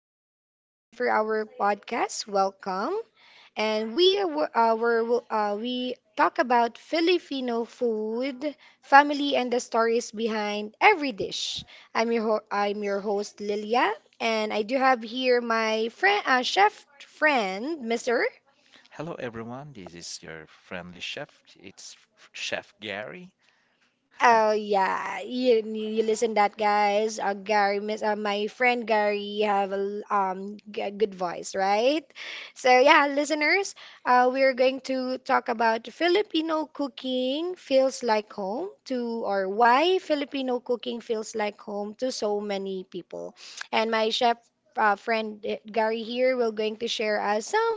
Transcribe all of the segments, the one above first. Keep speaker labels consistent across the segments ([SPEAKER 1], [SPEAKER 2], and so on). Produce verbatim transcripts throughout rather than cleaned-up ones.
[SPEAKER 1] here we are again for our podcast. Welcome. And we w- uh, were, uh, we talk about Filipino food, family, and the stories behind every dish. I'm your ho- I'm your host Lilia, and I do have here my friend, uh, chef friend, Mister.
[SPEAKER 2] Hello everyone, this is your friendly chef. It's Chef Gary. Uh,
[SPEAKER 1] Oh yeah, you you listen that, guys. Uh, Gary, miss, uh, my friend Gary have a l- um g- good voice, right? So yeah, listeners, uh, we're going to talk about Filipino cooking feels like home to, or why Filipino cooking feels like home to so many people. And my chef uh, friend eh, Gary here will going to share us some.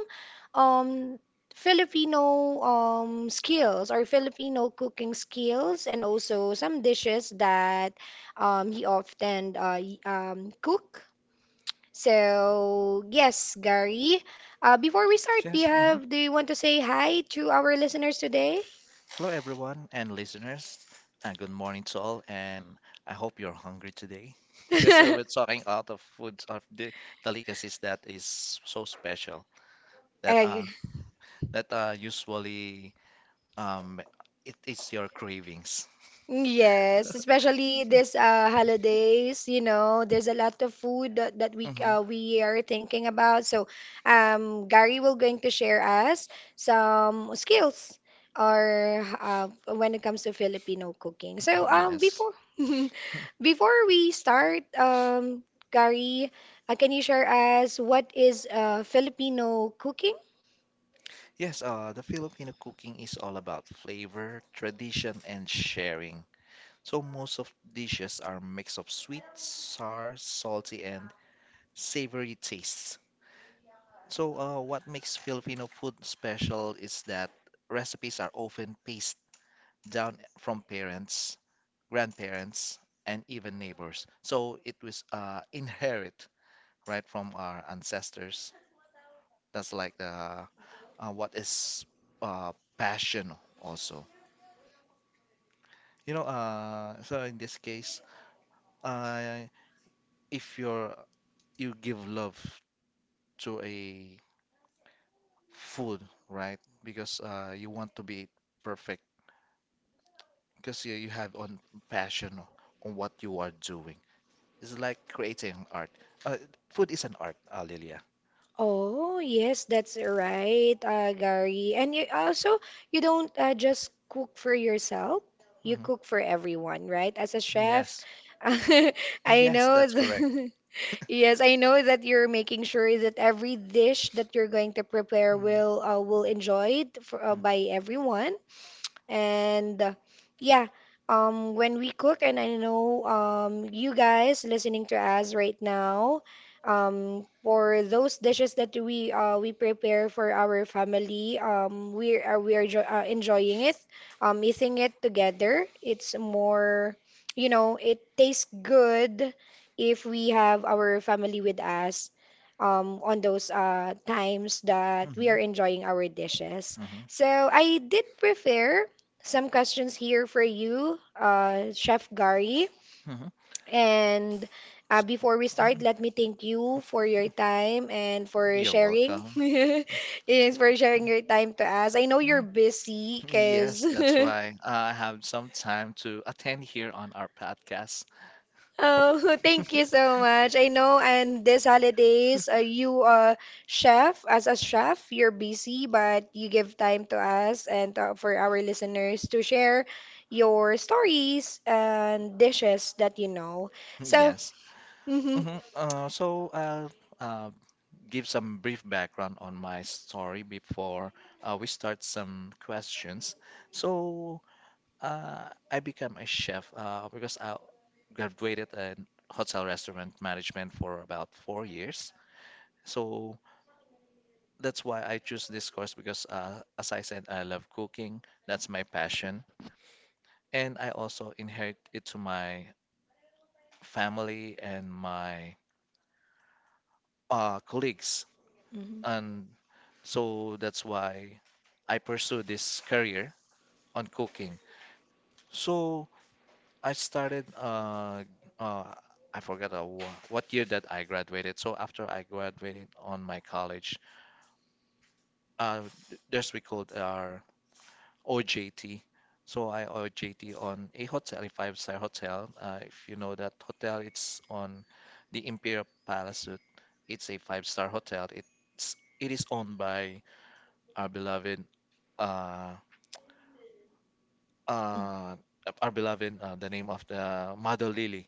[SPEAKER 1] Um, Filipino um, skills or Filipino cooking skills, and also some dishes that um, he often uh, y- um, cook. So yes, Gary. Uh, before we start, do
[SPEAKER 2] yes.
[SPEAKER 1] you
[SPEAKER 2] mhm.
[SPEAKER 1] have do you want to say hi to our listeners today?
[SPEAKER 2] Hello everyone and listeners. And good morning to all. And I hope you're hungry today because we're talking out of food of the delicacies that is so special that
[SPEAKER 1] Uh,
[SPEAKER 2] uh that uh usually um it is your cravings.
[SPEAKER 1] Yes, especially this uh, holidays, you know, there's a lot of food that, that we uh, we are thinking about. So, um, Gary will going to share us some skills or uh, when it comes to Filipino cooking. So, um,
[SPEAKER 2] Yes.
[SPEAKER 1] before before we start, um, Gary, uh, can you share us what is uh, Filipino cooking?
[SPEAKER 2] Yes, uh, the Filipino cooking is all about flavor, tradition, and sharing. So most of dishes are mix of sweet, sour, salty, and savory tastes. So uh, what makes Filipino food special is that recipes are often passed down from parents, grandparents, and even neighbors. So it was uh, inherit right from our ancestors. That's like the uh, what is uh, passion also. You know, uh, so in this case, uh, if you're you give love to a food, right? Because uh, you want to be perfect, because you, you have on passion on what you are doing. It's like creating art. Uh, food is an art, uh, Lilia.
[SPEAKER 1] Oh, yes, that's right, uh, Gary. And you also you don't uh, just cook for yourself. You
[SPEAKER 2] Hmm.
[SPEAKER 1] cook for everyone, right? As a chef,
[SPEAKER 2] Yes,
[SPEAKER 1] I
[SPEAKER 2] yes,
[SPEAKER 1] know
[SPEAKER 2] that's correct.
[SPEAKER 1] th- yes, I know that you're making sure that every dish that you're going to prepare
[SPEAKER 2] Mhm.
[SPEAKER 1] will uh, will enjoyed for, uh, by everyone. And uh, yeah, um, when we cook, and I know um, you guys listening to us right now, um, for those dishes that we uh, we prepare for our family, um, we are uh, we are jo uh, enjoying it, um, eating it together. It's more, you know, it tastes good if we have our family with us. Um, on those uh, times that we
[SPEAKER 2] Mhm.
[SPEAKER 1] are enjoying our dishes.
[SPEAKER 2] Mhm.
[SPEAKER 1] So I did prefer some questions here for you, uh, Chef Gary.
[SPEAKER 2] Mhm.
[SPEAKER 1] And uh, before we start, let me thank you for your time and for
[SPEAKER 2] You're
[SPEAKER 1] sharing.
[SPEAKER 2] welcome.
[SPEAKER 1] Yes, for sharing your time to us. I know you're busy because
[SPEAKER 2] Yes, that's why I have some time to attend here on our podcast.
[SPEAKER 1] Oh, thank you so much. I know, and this holidays, uh, you uh chef as a chef, you're busy, but you give time to us and uh, for our listeners to share your stories and dishes that you know. So,
[SPEAKER 2] Yes.
[SPEAKER 1] hmm
[SPEAKER 2] Mhm. Uh, so I'll uh, give some brief background on my story before uh, we start some questions. So uh, I became a chef uh, because I graduated in hotel restaurant management for about four years. So that's why I choose this course because, uh, as I said, I love cooking. That's my passion. And I also inherit it to my family and my uh, colleagues.
[SPEAKER 1] hmm
[SPEAKER 2] And so that's why I pursue this career on cooking. So I started, uh, uh, I forgot uh, wha- what year that I graduated. So after I graduated on my college, uh, th- there's we called our O J T. So I O J T on a hotel, a five-star hotel. Uh, if you know that hotel, it's on the Imperial Palace. It's a five-star hotel. It's it is owned by our beloved uh uh our beloved uh, the name of the Mother Lily.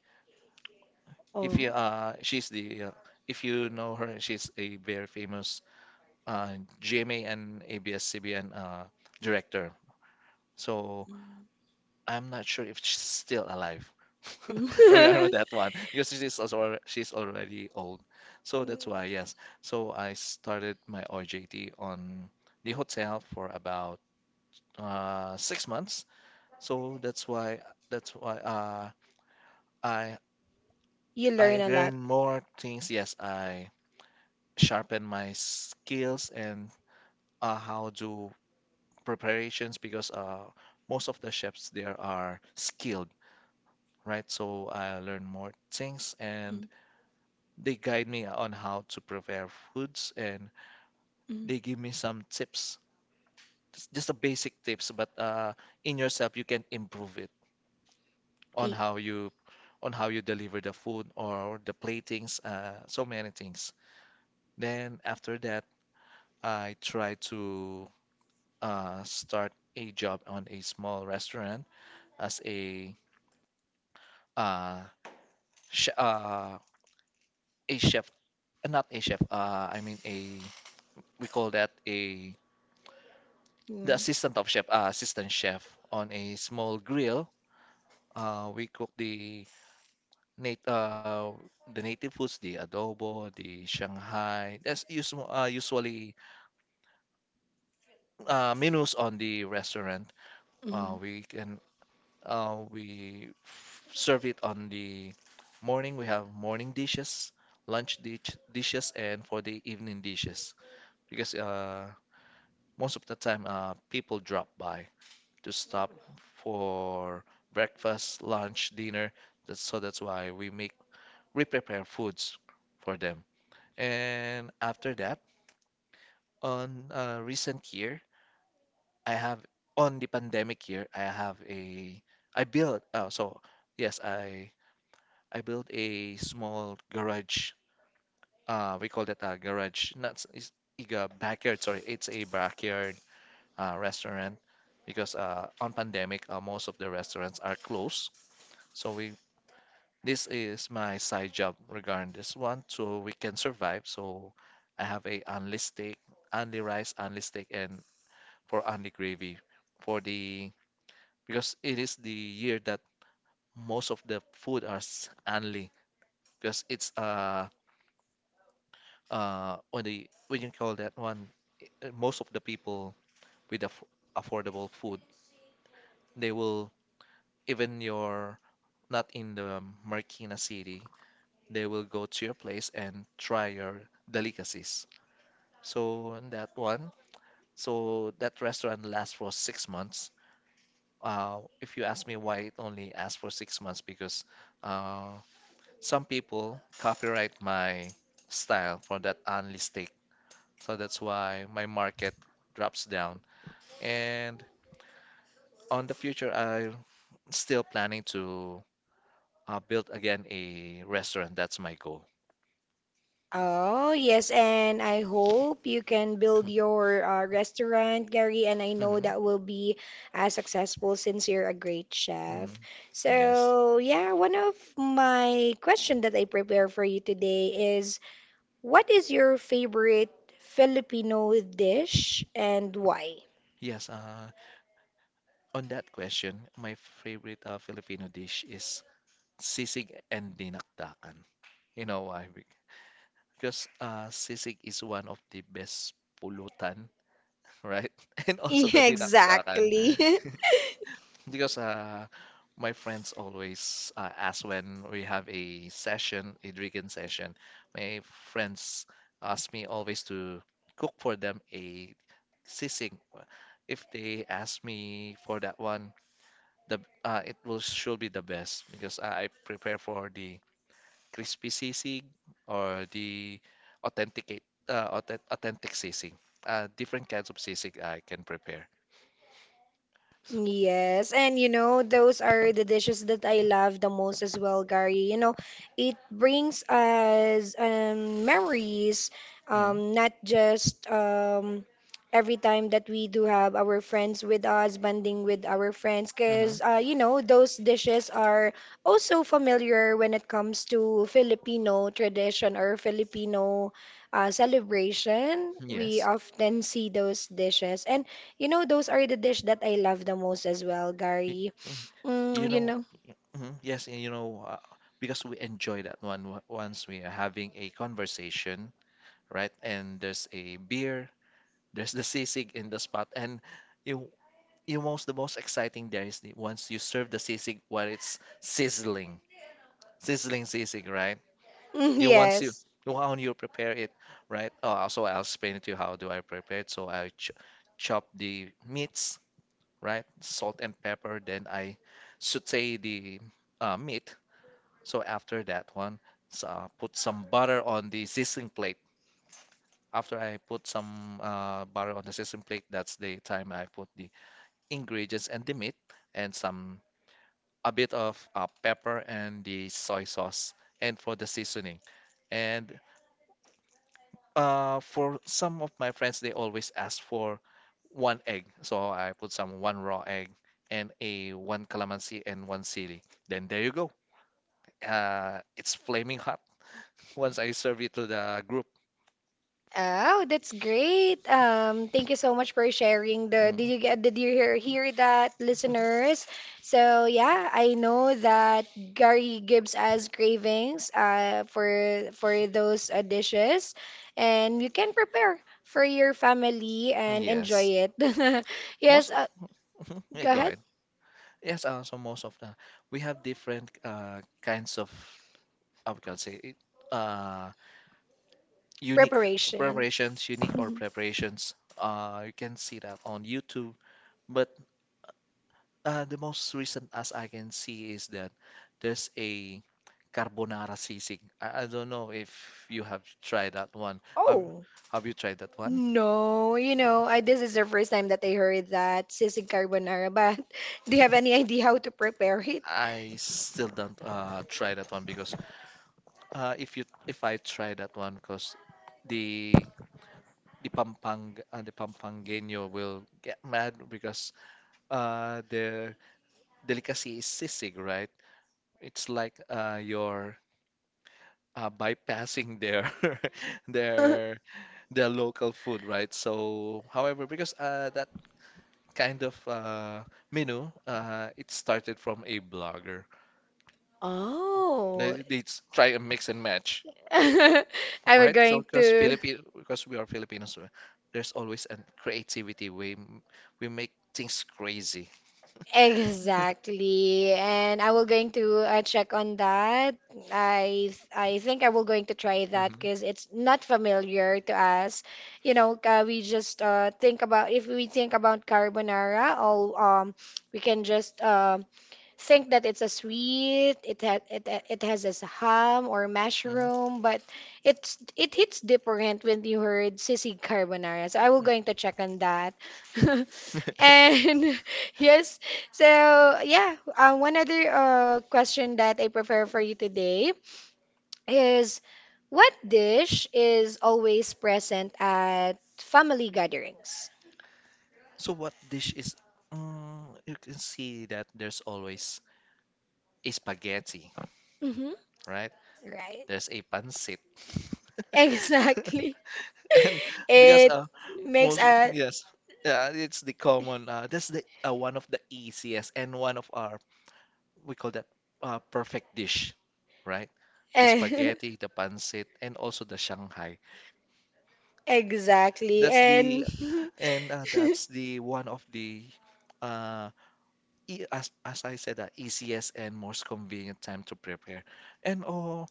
[SPEAKER 2] If
[SPEAKER 1] oh,
[SPEAKER 2] you uh she's the uh, if you know her, she's a very famous uh G M A and A B S-C B N uh director. So
[SPEAKER 1] mm.
[SPEAKER 2] I'm not sure if she's still alive regarding that one because she's also alre- she's already old. So that's why, yes. So I started my O J T on the hotel for about uh, six months. So that's why that's why uh, I
[SPEAKER 1] you learn
[SPEAKER 2] I
[SPEAKER 1] a lot.
[SPEAKER 2] learn more things. Yes, I sharpen my skills and uh, how do preparations because uh, most of the chefs there are skilled, right? So I learn more things, and
[SPEAKER 1] Mm,
[SPEAKER 2] they guide me on how to prepare foods, and
[SPEAKER 1] mm.
[SPEAKER 2] they give me some tips, just just the basic tips, but uh, in yourself you can improve it on
[SPEAKER 1] E-
[SPEAKER 2] how you on how you deliver the food or the platings, uh, so many things. Then after that, I try to uh, start a job on a small restaurant as a uh, sh uh, a chef, not a chef, uh, I mean a we call that a the assistant of chef, uh, assistant chef on a small grill. Uh, we cook the nat uh, the native foods, the adobo, the Shanghai. That's usu uh, usually uh, menus on the restaurant. Uh,
[SPEAKER 1] Mhm.
[SPEAKER 2] we can uh, we f- serve it on the morning. We have morning dishes, lunch dish dishes, and for the evening dishes because uh, most of the time uh, people drop by to stop for breakfast, lunch, dinner. That's, so that's why we make we prepare foods for them. And after that, on a recent year, I have on the pandemic year, I have a I built uh, so yes, I I built a small garage. Uh, we call that a garage, not s- is is a backyard. Sorry, it's a backyard uh, restaurant because uh, on pandemic, uh, most of the restaurants are closed. So we This is my side job regarding this one, so we can survive. So I have a only steak, only rice, only steak, and for only gravy for the because it is the year that most of the food are s- only because it's uh uh when the when you call that one i- uh, most of the people with aff affordable food they will even you're not in the Marikina city they will go to your place and try your delicacies. So that one, so that restaurant lasts for six months. Uh, if you ask me why it only lasts for six months, because uh, some people copyright my style for that only steak. So that's why my market drops down. And on the future, I'm still planning to uh, build again a restaurant. That's my goal.
[SPEAKER 1] Oh, yes, and I hope you can build your uh, restaurant, Gary, and I know
[SPEAKER 2] Hmm.
[SPEAKER 1] that will be uh, successful since you're a great
[SPEAKER 2] Hmm.
[SPEAKER 1] chef.
[SPEAKER 2] Yes.
[SPEAKER 1] So, yeah, one of my question that I prepare for you today is what is your favorite Filipino dish and why?
[SPEAKER 2] Yes, uh, on that question, my favorite uh, Filipino dish is sisig and dinakdakan. You know why? Be- Because uh, sisig is one of the best pulutan, right? And also the
[SPEAKER 1] Yeah,
[SPEAKER 2] dinakdakan.
[SPEAKER 1] exactly.
[SPEAKER 2] Because uh, my friends always uh, ask when we have a session, a drinking session, my friends ask me always to cook for them a sisig. If they ask me for that one, the uh, it will should be the best because I prepare for the crispy sisig or the authenticate uh, authen- authentic sisig. Uh, different kinds of sisig I can prepare. S-
[SPEAKER 1] Yes, and you know, those are the dishes that I love the most as well, Gary. You know, it brings us um, memories,
[SPEAKER 2] Mhm.
[SPEAKER 1] um, not just um, every time that we do have our friends with us, bonding with our friends,
[SPEAKER 2] Mhm.
[SPEAKER 1] because uh, you know, those dishes are also familiar when it comes to Filipino tradition or Filipino uh, celebration. We
[SPEAKER 2] Yes.
[SPEAKER 1] often see those dishes. And you know, those are the dish that I love the most as well,
[SPEAKER 2] Y-
[SPEAKER 1] Gary.
[SPEAKER 2] y- You
[SPEAKER 1] Mm, you
[SPEAKER 2] know,
[SPEAKER 1] know.
[SPEAKER 2] mhm, yes, and you know, uh, because we enjoy that one w- once we are having a conversation, right? And there's a beer, there's the sisig in the spot, and you you most the most exciting there is the, once you serve the sisig while it's sizzling, sizzling sisig, right?
[SPEAKER 1] Mm,
[SPEAKER 2] You once you
[SPEAKER 1] yes.
[SPEAKER 2] how you prepare it, right? Oh, so I'll explain it to you how do I prepare it. So I ch chop the meats, right? Salt and pepper. Then I saute the uh, meat. So after that one, so, uh, put some butter on the sizzling plate. After I put some uh, butter on the sesame plate, that's the time I put the ingredients and the meat and some a bit of uh, pepper and the soy sauce and for the seasoning. And uh, for some of my friends, they always ask for one egg. So I put some one raw egg and a one calamansi and one chili. Then there you go. Uh, it's flaming hot once I serve it to the group.
[SPEAKER 1] Oh, that's great. Um, thank you so much for sharing the did
[SPEAKER 2] Mhm.
[SPEAKER 1] you get did you hear hear that, listeners? So yeah, I know that Gary gives us cravings uh for for those uh, dishes and you can prepare for your family and
[SPEAKER 2] Yes.
[SPEAKER 1] enjoy it.
[SPEAKER 2] Most
[SPEAKER 1] Yes,
[SPEAKER 2] of,
[SPEAKER 1] uh,
[SPEAKER 2] mhm. yeah,
[SPEAKER 1] go
[SPEAKER 2] go
[SPEAKER 1] ahead.
[SPEAKER 2] ahead. Yes, uh, so most of the we have different uh, kinds of I we can say it, uh, unique
[SPEAKER 1] Preparation.
[SPEAKER 2] preparations, unique or
[SPEAKER 1] Mhm.
[SPEAKER 2] preparations. Uh, you can see that on YouTube. But uh, the most recent as I can see is that there's a carbonara sisig. I, I don't know if you have tried that one. Have
[SPEAKER 1] Oh.
[SPEAKER 2] Have you tried that one?
[SPEAKER 1] No, you know, I this is the first time that I heard that sisig carbonara, but do you have any idea how to prepare it?
[SPEAKER 2] I still don't uh, try that one because Uh, if you if I try that one, because the the Pampang uh, the Pampangeno will get mad because uh their delicacy is sisig, right? It's like uh you're uh, bypassing their their their local food, right? So, however, because uh that kind of uh menu uh it started from a blogger. They,
[SPEAKER 1] Oh.
[SPEAKER 2] they s- try a mix and match,
[SPEAKER 1] I was
[SPEAKER 2] right? So
[SPEAKER 1] going
[SPEAKER 2] because
[SPEAKER 1] to.
[SPEAKER 2] Filipino, because we are Filipinos, uh, there's always a creativity. We m- we make things crazy.
[SPEAKER 1] Exactly. And I will going to uh, check on that. I I think I will going to try that
[SPEAKER 2] Hmm.
[SPEAKER 1] because it's not familiar to us. You know, uh, we just uh, think about if we think about carbonara, all um we can just um think that it's a sweet, it ha it uh, it has this ham or
[SPEAKER 2] Hmm.
[SPEAKER 1] mushroom, but it's it hits different when you heard sisig carbonara. So I will going to check on that. And yes, so yeah, uh, one other uh, question that I prepare for you today is what dish is always present at family gatherings?
[SPEAKER 2] So what dish is? Mm, you can see that there's always a spaghetti,
[SPEAKER 1] Mm-hmm.
[SPEAKER 2] right?
[SPEAKER 1] Right.
[SPEAKER 2] There's a pancit,
[SPEAKER 1] Exactly.
[SPEAKER 2] and because
[SPEAKER 1] It
[SPEAKER 2] uh
[SPEAKER 1] makes
[SPEAKER 2] most
[SPEAKER 1] a
[SPEAKER 2] yes, yeah, it's the common. Uh, that's the uh, one of the easiest and one of our we call that uh, perfect dish, right? The
[SPEAKER 1] eh,
[SPEAKER 2] spaghetti, the pancit, and also the Shanghai.
[SPEAKER 1] exactly
[SPEAKER 2] That's the
[SPEAKER 1] and
[SPEAKER 2] and uh, that's the one of the uh, e as as I said, uh, easiest and most convenient time to prepare. And oh,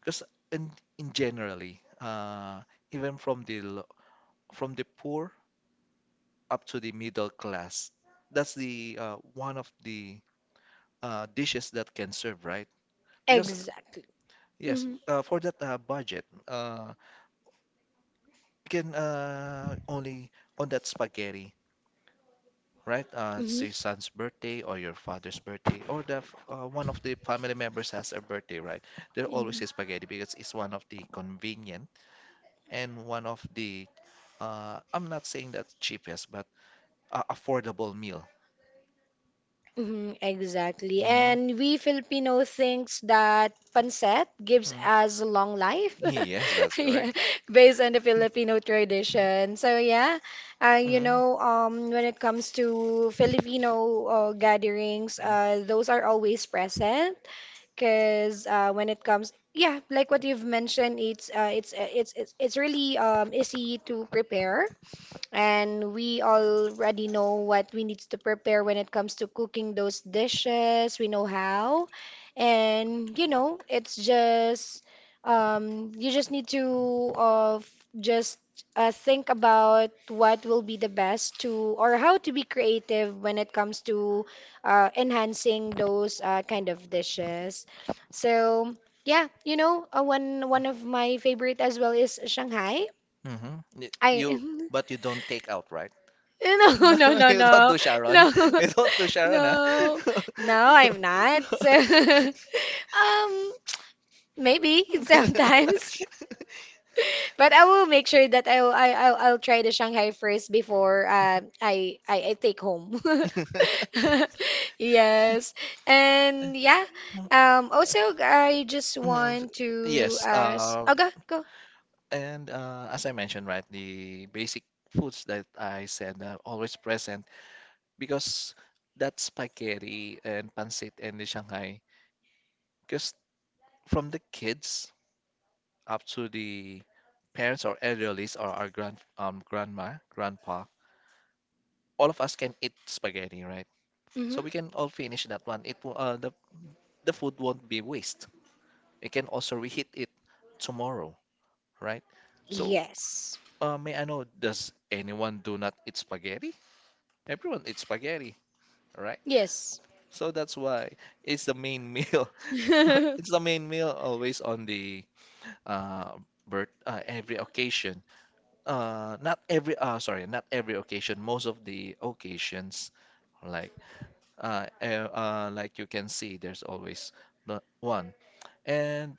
[SPEAKER 2] because in, in generally, uh, even from the lo- from the poor up to the middle class, that's the uh, one of the uh, dishes that can serve, right? Because
[SPEAKER 1] exactly.
[SPEAKER 2] yes,
[SPEAKER 1] Mhm.
[SPEAKER 2] uh, for that uh, budget. Uh, can uh only on that spaghetti, right? Uh, it's
[SPEAKER 1] hmm
[SPEAKER 2] your son's birthday or your father's birthday, or the f- uh, one of the family members has a birthday, right? There always is spaghetti because it's one of the convenient and one of the uh, I'm not saying that cheapest, but uh, affordable meal.
[SPEAKER 1] Mm-hmm, exactly.
[SPEAKER 2] Mm-hmm.
[SPEAKER 1] And we Filipino thinks that pancit gives us long life.
[SPEAKER 2] Yes, that's
[SPEAKER 1] Yeah,
[SPEAKER 2] correct.
[SPEAKER 1] based on the Filipino tradition. So yeah, uh, you
[SPEAKER 2] Mm-hmm.
[SPEAKER 1] know, um, when it comes to Filipino uh, gatherings, uh, those are always present. Because uh, when it comes, yeah, like what you've mentioned, it's uh, it's uh, it's it's it's really um easy to prepare, and we already know what we need to prepare when it comes to cooking those dishes. We know how. And you know, it's just um you just need to uh f- just uh, think about what will be the best to or how to be creative when it comes to uh, enhancing those uh, kind of dishes. So yeah, you know, uh, one one of my favorite as well is Shanghai.
[SPEAKER 2] Mm-hmm. I
[SPEAKER 1] I
[SPEAKER 2] You, but you don't take out, right?
[SPEAKER 1] No,
[SPEAKER 2] No,
[SPEAKER 1] no, no,
[SPEAKER 2] you don't
[SPEAKER 1] no,
[SPEAKER 2] do
[SPEAKER 1] no,
[SPEAKER 2] Sharon. You don't do Sharon, huh?
[SPEAKER 1] no, no, I'm not. Um, maybe sometimes, but I will make sure that I'll I, I'll, I'll try the Shanghai first before uh, I, I I take home. Yes, and yeah. Um, also, I just
[SPEAKER 2] Mhm.
[SPEAKER 1] want to
[SPEAKER 2] Yes.
[SPEAKER 1] ask.
[SPEAKER 2] Uh,
[SPEAKER 1] Oh, go go.
[SPEAKER 2] And uh, as I mentioned, right, the basic foods that I said are always present because that spaghetti and pancit and the Shanghai, because from the kids up to the parents or elderlies or our grand um, grandma, grandpa, all of us can eat spaghetti, right?
[SPEAKER 1] Hmm
[SPEAKER 2] So we can all finish that one. It wo- uh, the the food won't be waste. We can also reheat it tomorrow, right? So,
[SPEAKER 1] Yes,
[SPEAKER 2] uh, may I know, does anyone do not eat spaghetti? Everyone eats spaghetti, right?
[SPEAKER 1] yes.
[SPEAKER 2] So that's why it's the main meal. It's the main meal always on the uh birth uh, every occasion. Uh not every uh sorry, not every occasion, most of the occasions like uh, uh uh, like you can see there's always the one. And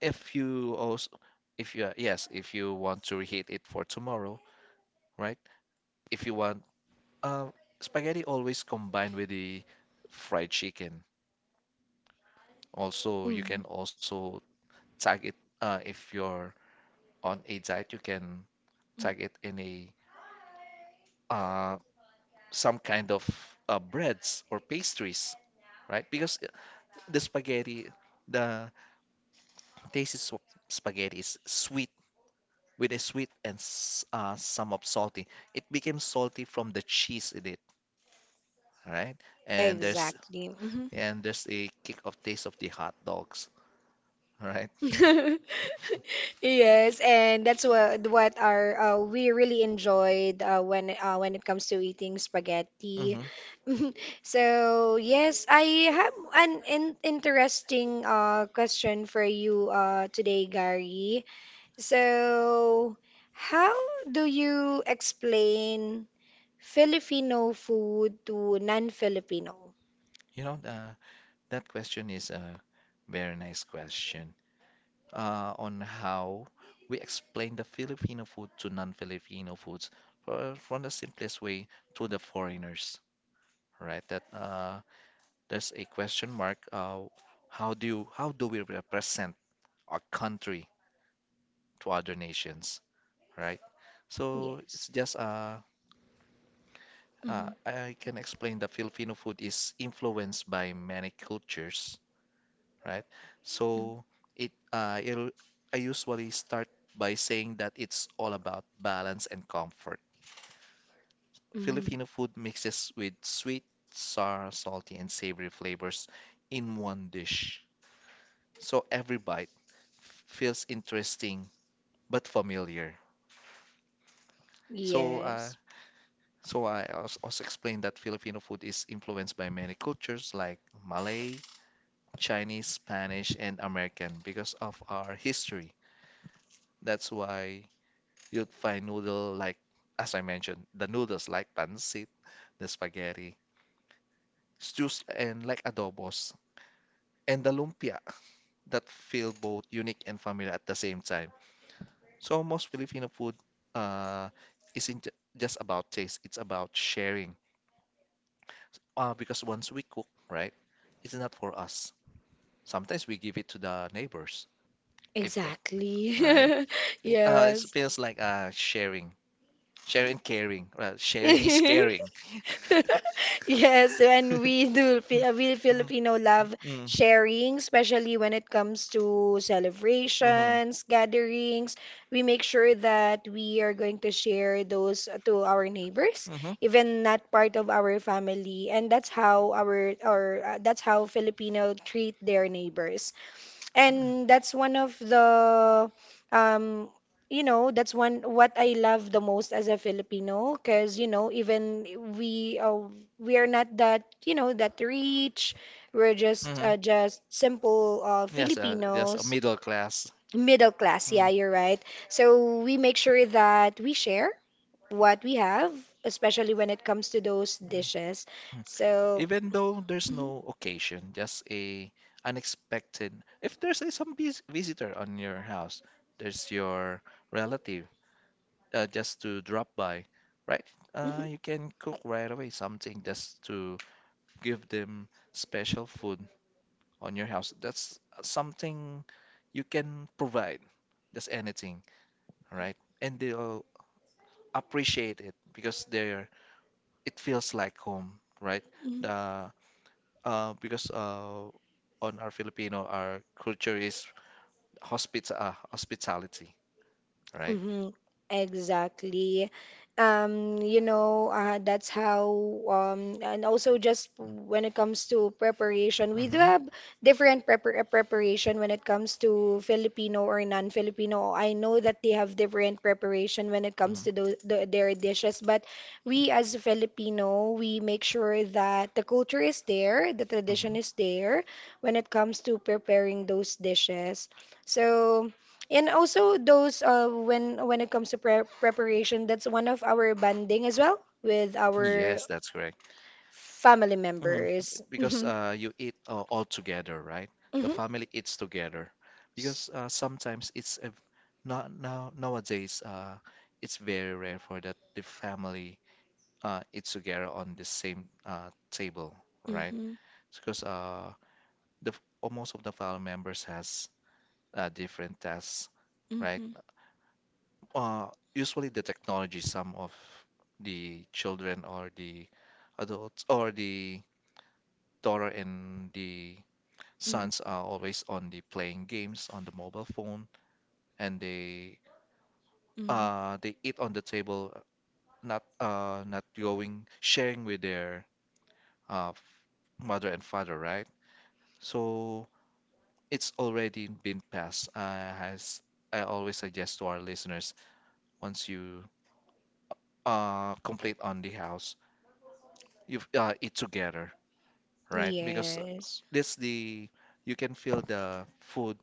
[SPEAKER 2] if you also, if you, yes, if you want to reheat it for tomorrow, right? If you want, uh, spaghetti always combined with the fried chicken. Also, you can also tag it, uh, if you're on a diet, you can
[SPEAKER 1] Mhm.
[SPEAKER 2] tag it in a, uh, some kind of uh, breads or pastries, right? Because uh, the spaghetti, the taste is sw- spaghetti is sweet with a sweet and s- uh, some of salty. It became salty from the cheese in it, right? And there's
[SPEAKER 1] Exactly. Mhm.
[SPEAKER 2] and there's a kick of taste of the hot dogs, right?
[SPEAKER 1] Yes, and that's what what our uh, we really enjoyed uh, when uh, when it comes to eating
[SPEAKER 2] Mm-hmm.
[SPEAKER 1] spaghetti. So yes, I have an in interesting uh, question for you uh, today, Gary. So how do you explain Filipino food to non-Filipino?
[SPEAKER 2] You know, the. That question is a very nice question, uh, on how we explain the Filipino food to non-Filipino foods fro- from the simplest way to the foreigners, right? That, uh, there's a question mark. Uh, how do you, how do we represent our country to other nations, right? So it's
[SPEAKER 1] Yes.
[SPEAKER 2] just uh, uh,
[SPEAKER 1] Mm-hmm.
[SPEAKER 2] I can explain the Filipino food is influenced by many cultures, right? So it uh, it'll I usually start by saying that it's all about balance and comfort.
[SPEAKER 1] Mm-hmm.
[SPEAKER 2] Filipino food mixes with sweet, sour, salty, and savory flavors in one dish. So every bite f- feels interesting but familiar. So uh,
[SPEAKER 1] Yes,
[SPEAKER 2] so I als- also explained that Filipino food is influenced by many cultures like Malay, Chinese, Spanish, and American because of our history. That's why you'd find noodle like, as I mentioned, the noodles like pancit, the spaghetti, stews and like adobos, and the lumpia that feel both unique and familiar at the same time. So most Filipino food, uh, isn't ju- just about taste, it's about sharing. Uh, because once we cook, right, it's not for us. Sometimes we give it to the neighbors, if uh,
[SPEAKER 1] exactly.
[SPEAKER 2] right? Like, Uh, it
[SPEAKER 1] Yes.
[SPEAKER 2] feels like uh, sharing sharing and caring. Well, sharing is caring.
[SPEAKER 1] Yes, and we do Fi- we
[SPEAKER 2] Mm,
[SPEAKER 1] Filipino love
[SPEAKER 2] mm,
[SPEAKER 1] sharing, especially when it comes to
[SPEAKER 2] mhm,
[SPEAKER 1] celebrations, gatherings. We make sure that we are going to share those to our neighbors,
[SPEAKER 2] mhm,
[SPEAKER 1] even not part of our family, and that's how our or uh, that's how Filipino treat their neighbors.
[SPEAKER 2] mm,
[SPEAKER 1] And that's one of the, um, you know, that's one what I love the most as a Filipino, because you know, even we uh, we are not that, you know, that rich. We're just
[SPEAKER 2] mhm.
[SPEAKER 1] uh, just simple uh,
[SPEAKER 2] Yes, uh, yes, a
[SPEAKER 1] Filipinos.
[SPEAKER 2] middle class.
[SPEAKER 1] Middle class, yeah,
[SPEAKER 2] Mm,
[SPEAKER 1] you're right. So we make sure that we share what we have, especially when it comes to those
[SPEAKER 2] mm,
[SPEAKER 1] dishes.
[SPEAKER 2] mm.
[SPEAKER 1] So,
[SPEAKER 2] Even though there's no
[SPEAKER 1] Mhm,
[SPEAKER 2] occasion, just a unexpected. If there's a, some vis visitor on your house, there's your relative, uh, just to drop by, right? Uh,
[SPEAKER 1] mhm,
[SPEAKER 2] you can cook right away something just to give them special food on your house. That's something you can provide, just anything, right? And they'll appreciate it because they're it feels like home, right?
[SPEAKER 1] mhm.
[SPEAKER 2] Uh, uh, because uh, on our Filipino, our culture is hospita uh, hospitality, right?
[SPEAKER 1] hmm Exactly. Um, you know, uh, that's how, um, and also just when it comes to preparation, we do
[SPEAKER 2] Mm-hmm.
[SPEAKER 1] have different prepar uh, preparation when it comes to Filipino or non-Filipino. I know that they have different preparation when it
[SPEAKER 2] Hmm.
[SPEAKER 1] comes to those, the, their dishes, but we as a Filipino, we make sure that the culture is there, the
[SPEAKER 2] Mhm.
[SPEAKER 1] tradition is there when it comes to preparing those dishes. So, and also those uh, when when it comes to pre preparation, that's one of our bonding as well with our
[SPEAKER 2] Yes, that's correct.
[SPEAKER 1] family
[SPEAKER 2] Mm,
[SPEAKER 1] members.
[SPEAKER 2] because
[SPEAKER 1] Mhm.
[SPEAKER 2] uh, you eat uh, all together, right? The
[SPEAKER 1] Mhm.
[SPEAKER 2] family eats together. Because
[SPEAKER 1] S-
[SPEAKER 2] uh, sometimes it's a, not now nowadays, uh, it's very rare for that the family uh, eats together on the same uh, table, right?
[SPEAKER 1] Mhm.
[SPEAKER 2] Because uh, the f- almost of the family members has uh, different tasks, right?
[SPEAKER 1] Mhm.
[SPEAKER 2] uh, Usually the technology, some of the children or the adults or the daughter and the
[SPEAKER 1] Mhm.
[SPEAKER 2] sons are always on the playing games on the mobile phone and they
[SPEAKER 1] Mhm.
[SPEAKER 2] uh they eat on the table, not uh not going sharing with their uh f- mother and father, right? So it's already been passed, uh, as I always suggest to our listeners, once you uh complete on the house, you, uh, eat together, right? Because
[SPEAKER 1] Yes.
[SPEAKER 2] this the you can feel the food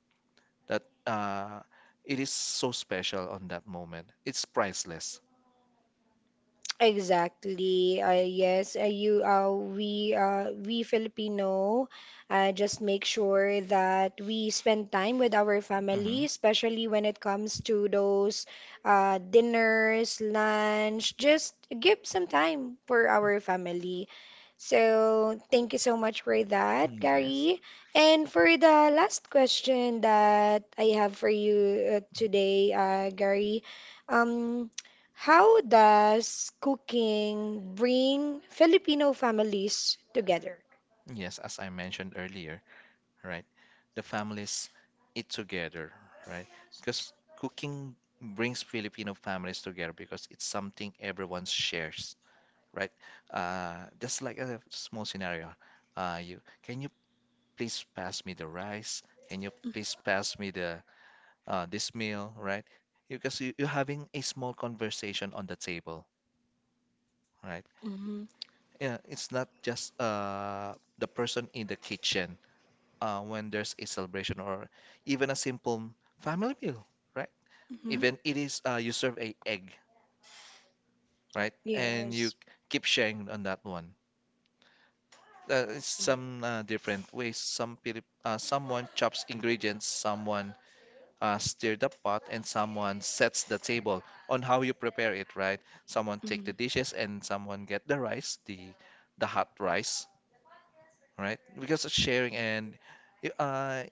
[SPEAKER 2] that, uh, it is so special on that moment. It's priceless.
[SPEAKER 1] Exactly. Uh, yes, uh, you uh, we uh, We Filipino uh, just make sure that we spend time with our
[SPEAKER 2] Hmm.
[SPEAKER 1] family, especially when it comes to those uh, dinners, lunch. Just give some time for our family. So thank you so much for
[SPEAKER 2] Yes.
[SPEAKER 1] that,
[SPEAKER 2] Mm-hmm.
[SPEAKER 1] Gary. And for the last question that I have for you uh, today, uh, Gary, um. how does cooking bring Filipino families together?
[SPEAKER 2] Yes, as I mentioned earlier, right? The families eat together, right? Because cooking brings Filipino families together because it's something everyone shares, right? Uh, just like a small scenario. Uh, you can you please pass me the rice? Can you please pass me the, uh, this meal, right? Because you, you're having a small conversation on the table, right?
[SPEAKER 1] Mm-hmm.
[SPEAKER 2] Yeah, it's not just, uh, the person in the kitchen, uh, when there's a celebration or even a simple family meal, right?
[SPEAKER 1] hmm
[SPEAKER 2] Even it is, uh, you serve a egg, right? And you
[SPEAKER 1] Yes.
[SPEAKER 2] keep sharing on that one. Uh, it's
[SPEAKER 1] Mm-hmm.
[SPEAKER 2] some uh, different ways. Some Pilip uh, someone chops ingredients, someone, uh, stir the pot, and someone sets the table on how you prepare it, right? Someone take the dishes, and someone get the rice, the the hot rice, right? Because of sharing and y- uh,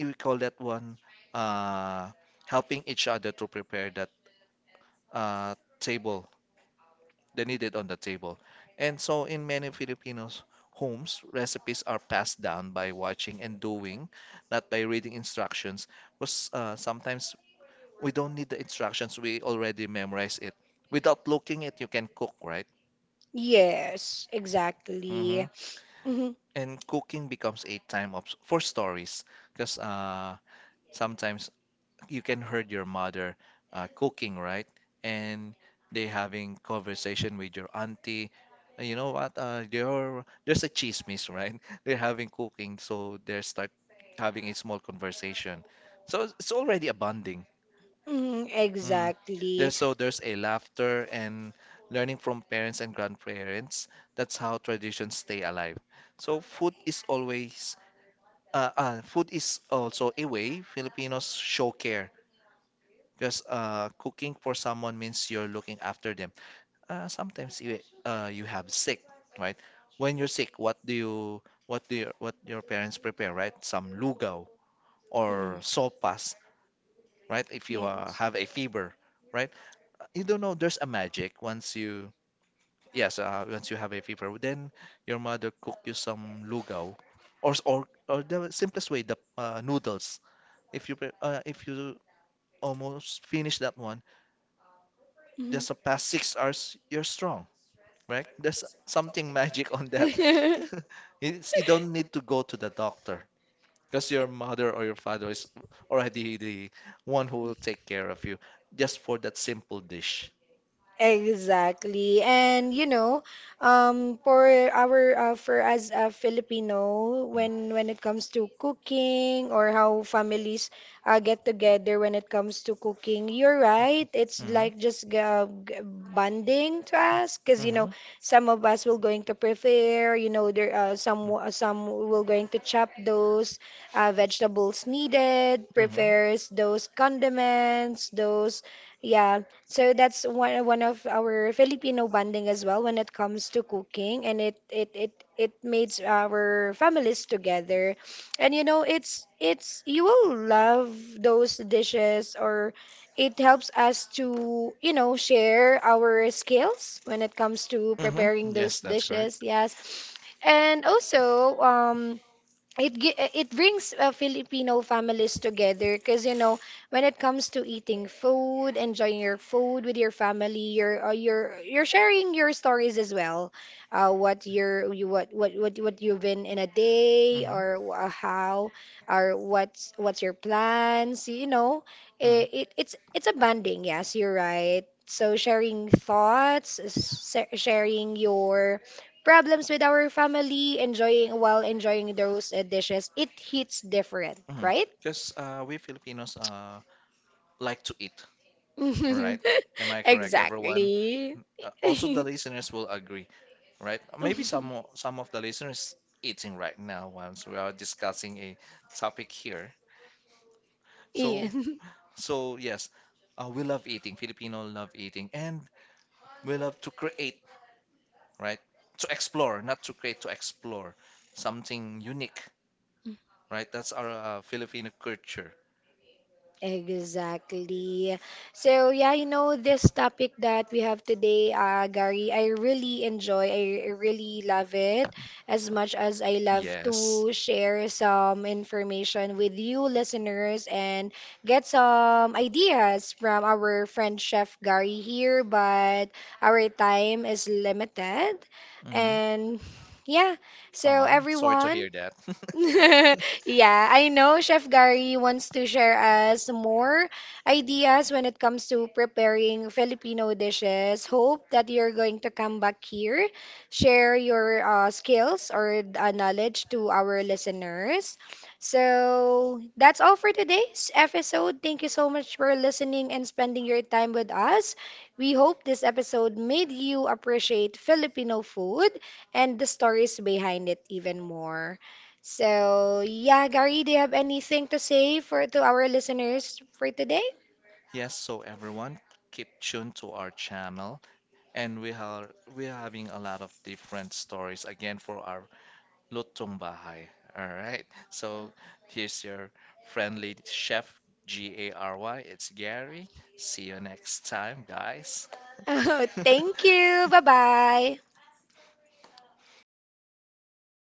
[SPEAKER 2] we call that one, uh, helping each other to prepare that, uh, table they need it on the table. And so, in many Filipinos' homes, recipes are passed down by watching and doing, not by reading instructions. Was uh, Sometimes we don't need the instructions; we already memorize it. Without looking it, you can cook, right?
[SPEAKER 1] Yes,
[SPEAKER 2] Hmm.
[SPEAKER 1] exactly. hmm
[SPEAKER 2] And cooking becomes a time of for stories, because uh, sometimes you can heard your mother, uh, cooking, right? And they having conversation with your auntie. And you know what? Uh, there there's a chismis, right? They're having cooking, so they start having a small conversation. So it's it's already a bonding.
[SPEAKER 1] hmm
[SPEAKER 2] Mm.
[SPEAKER 1] exactly.
[SPEAKER 2] There's so there's a laughter and learning from parents and grandparents. That's how traditions stay alive. So food is always, uh, uh, food is also a way Filipinos show care because uh, cooking for someone means you're looking after them. Uh, sometimes you, uh, you have sick, right? When you're sick, what do you, what do your what your parents prepare, right? Some lugaw
[SPEAKER 1] Mm,
[SPEAKER 2] or sopas, right? If you, uh,
[SPEAKER 1] Yes.
[SPEAKER 2] have a fever, right? You don't know. There's a magic once you, yes uh, once you have a fever, then your mother cook you some lugaw, or s- or or the simplest way the, uh, noodles. If you pre- uh, if you almost finish that one just the past six hours, you're strong, right? There's something magic on that.
[SPEAKER 1] Mhm.
[SPEAKER 2] It's, you don't need to go to the doctor because your mother or your father is already the one who will take care of you just for that simple dish.
[SPEAKER 1] Exactly. And you know, um, for our uh, for as a Filipino,
[SPEAKER 2] Mm.
[SPEAKER 1] when when it comes to cooking or how families uh, get together when it comes to cooking, you're right. It's like just g- uh, g- bonding to us, because you
[SPEAKER 2] Mm-hmm.
[SPEAKER 1] know,
[SPEAKER 2] Mm-hmm.
[SPEAKER 1] some of us will going to prepare, you know, there uh, some w- uh, some will going to chop those uh, vegetables needed,
[SPEAKER 2] Mm-hmm.
[SPEAKER 1] prepares those condiments, those. Yeah, so that's one one of our Filipino bonding as well when it comes to cooking, and it it it it makes our families together. And you know, it's it's you will love those dishes, or it helps us to you know share our skills when it comes to
[SPEAKER 2] Mm-hmm.
[SPEAKER 1] preparing those
[SPEAKER 2] Yes, that's correct.
[SPEAKER 1] dishes. Yes, and also um it gi- uh, it brings uh, Filipino families together because you know when it comes to eating food, enjoying your food with your family, you're uh, you're you're sharing your stories as well, uh, what you're you, what what what what you've been in a day
[SPEAKER 2] Mm-hmm.
[SPEAKER 1] or uh, how or what's what's your plans, you know, it, it it's it's a bonding. Yes, you're right. So sharing thoughts, s- sharing your problems with our family, enjoying while enjoying those uh, dishes, it hits different,
[SPEAKER 2] Mm-hmm.
[SPEAKER 1] right?
[SPEAKER 2] Because uh, we Filipinos, uh, like to eat, right? Am I correct, everyone?
[SPEAKER 1] Exactly.
[SPEAKER 2] Uh, also, the listeners will agree, right? Maybe some o- some of the listeners eating right now once we are discussing a topic here.
[SPEAKER 1] Yeah.
[SPEAKER 2] So so yes, uh, we love eating. Filipino love eating, and we love to create, right? To explore, not to create, to explore something unique, right? That's our, uh, Filipino culture.
[SPEAKER 1] Exactly. So yeah, you know this topic that we have today, uh, Gary, I really enjoy. I really love it as much as I love
[SPEAKER 2] Yes.
[SPEAKER 1] to share some information with you listeners and get some ideas from our friend Chef Gary here, but our time is limited.
[SPEAKER 2] Mm-hmm.
[SPEAKER 1] And yeah, so
[SPEAKER 2] Aw, sorry to
[SPEAKER 1] everyone,
[SPEAKER 2] hear that.
[SPEAKER 1] yeah, I know Chef Gary wants to share us more ideas when it comes to preparing Filipino dishes. Hope that you're going to come back here, share your uh, skills or uh, knowledge to our listeners. So that's all for today's episode. Thank you so much for listening and spending your time with us. We hope this episode made you appreciate Filipino food and the stories behind it even more. So, yeah, Gary, do you have anything to say for to our listeners for today?
[SPEAKER 2] Yes, so everyone keep tuned to our channel and we are we are having a lot of different stories again for our Lutong Bahay. All right. So here's your friendly chef G A R Y. It's Gary. See you next time, guys.
[SPEAKER 1] Oh, thank you. Bye-bye.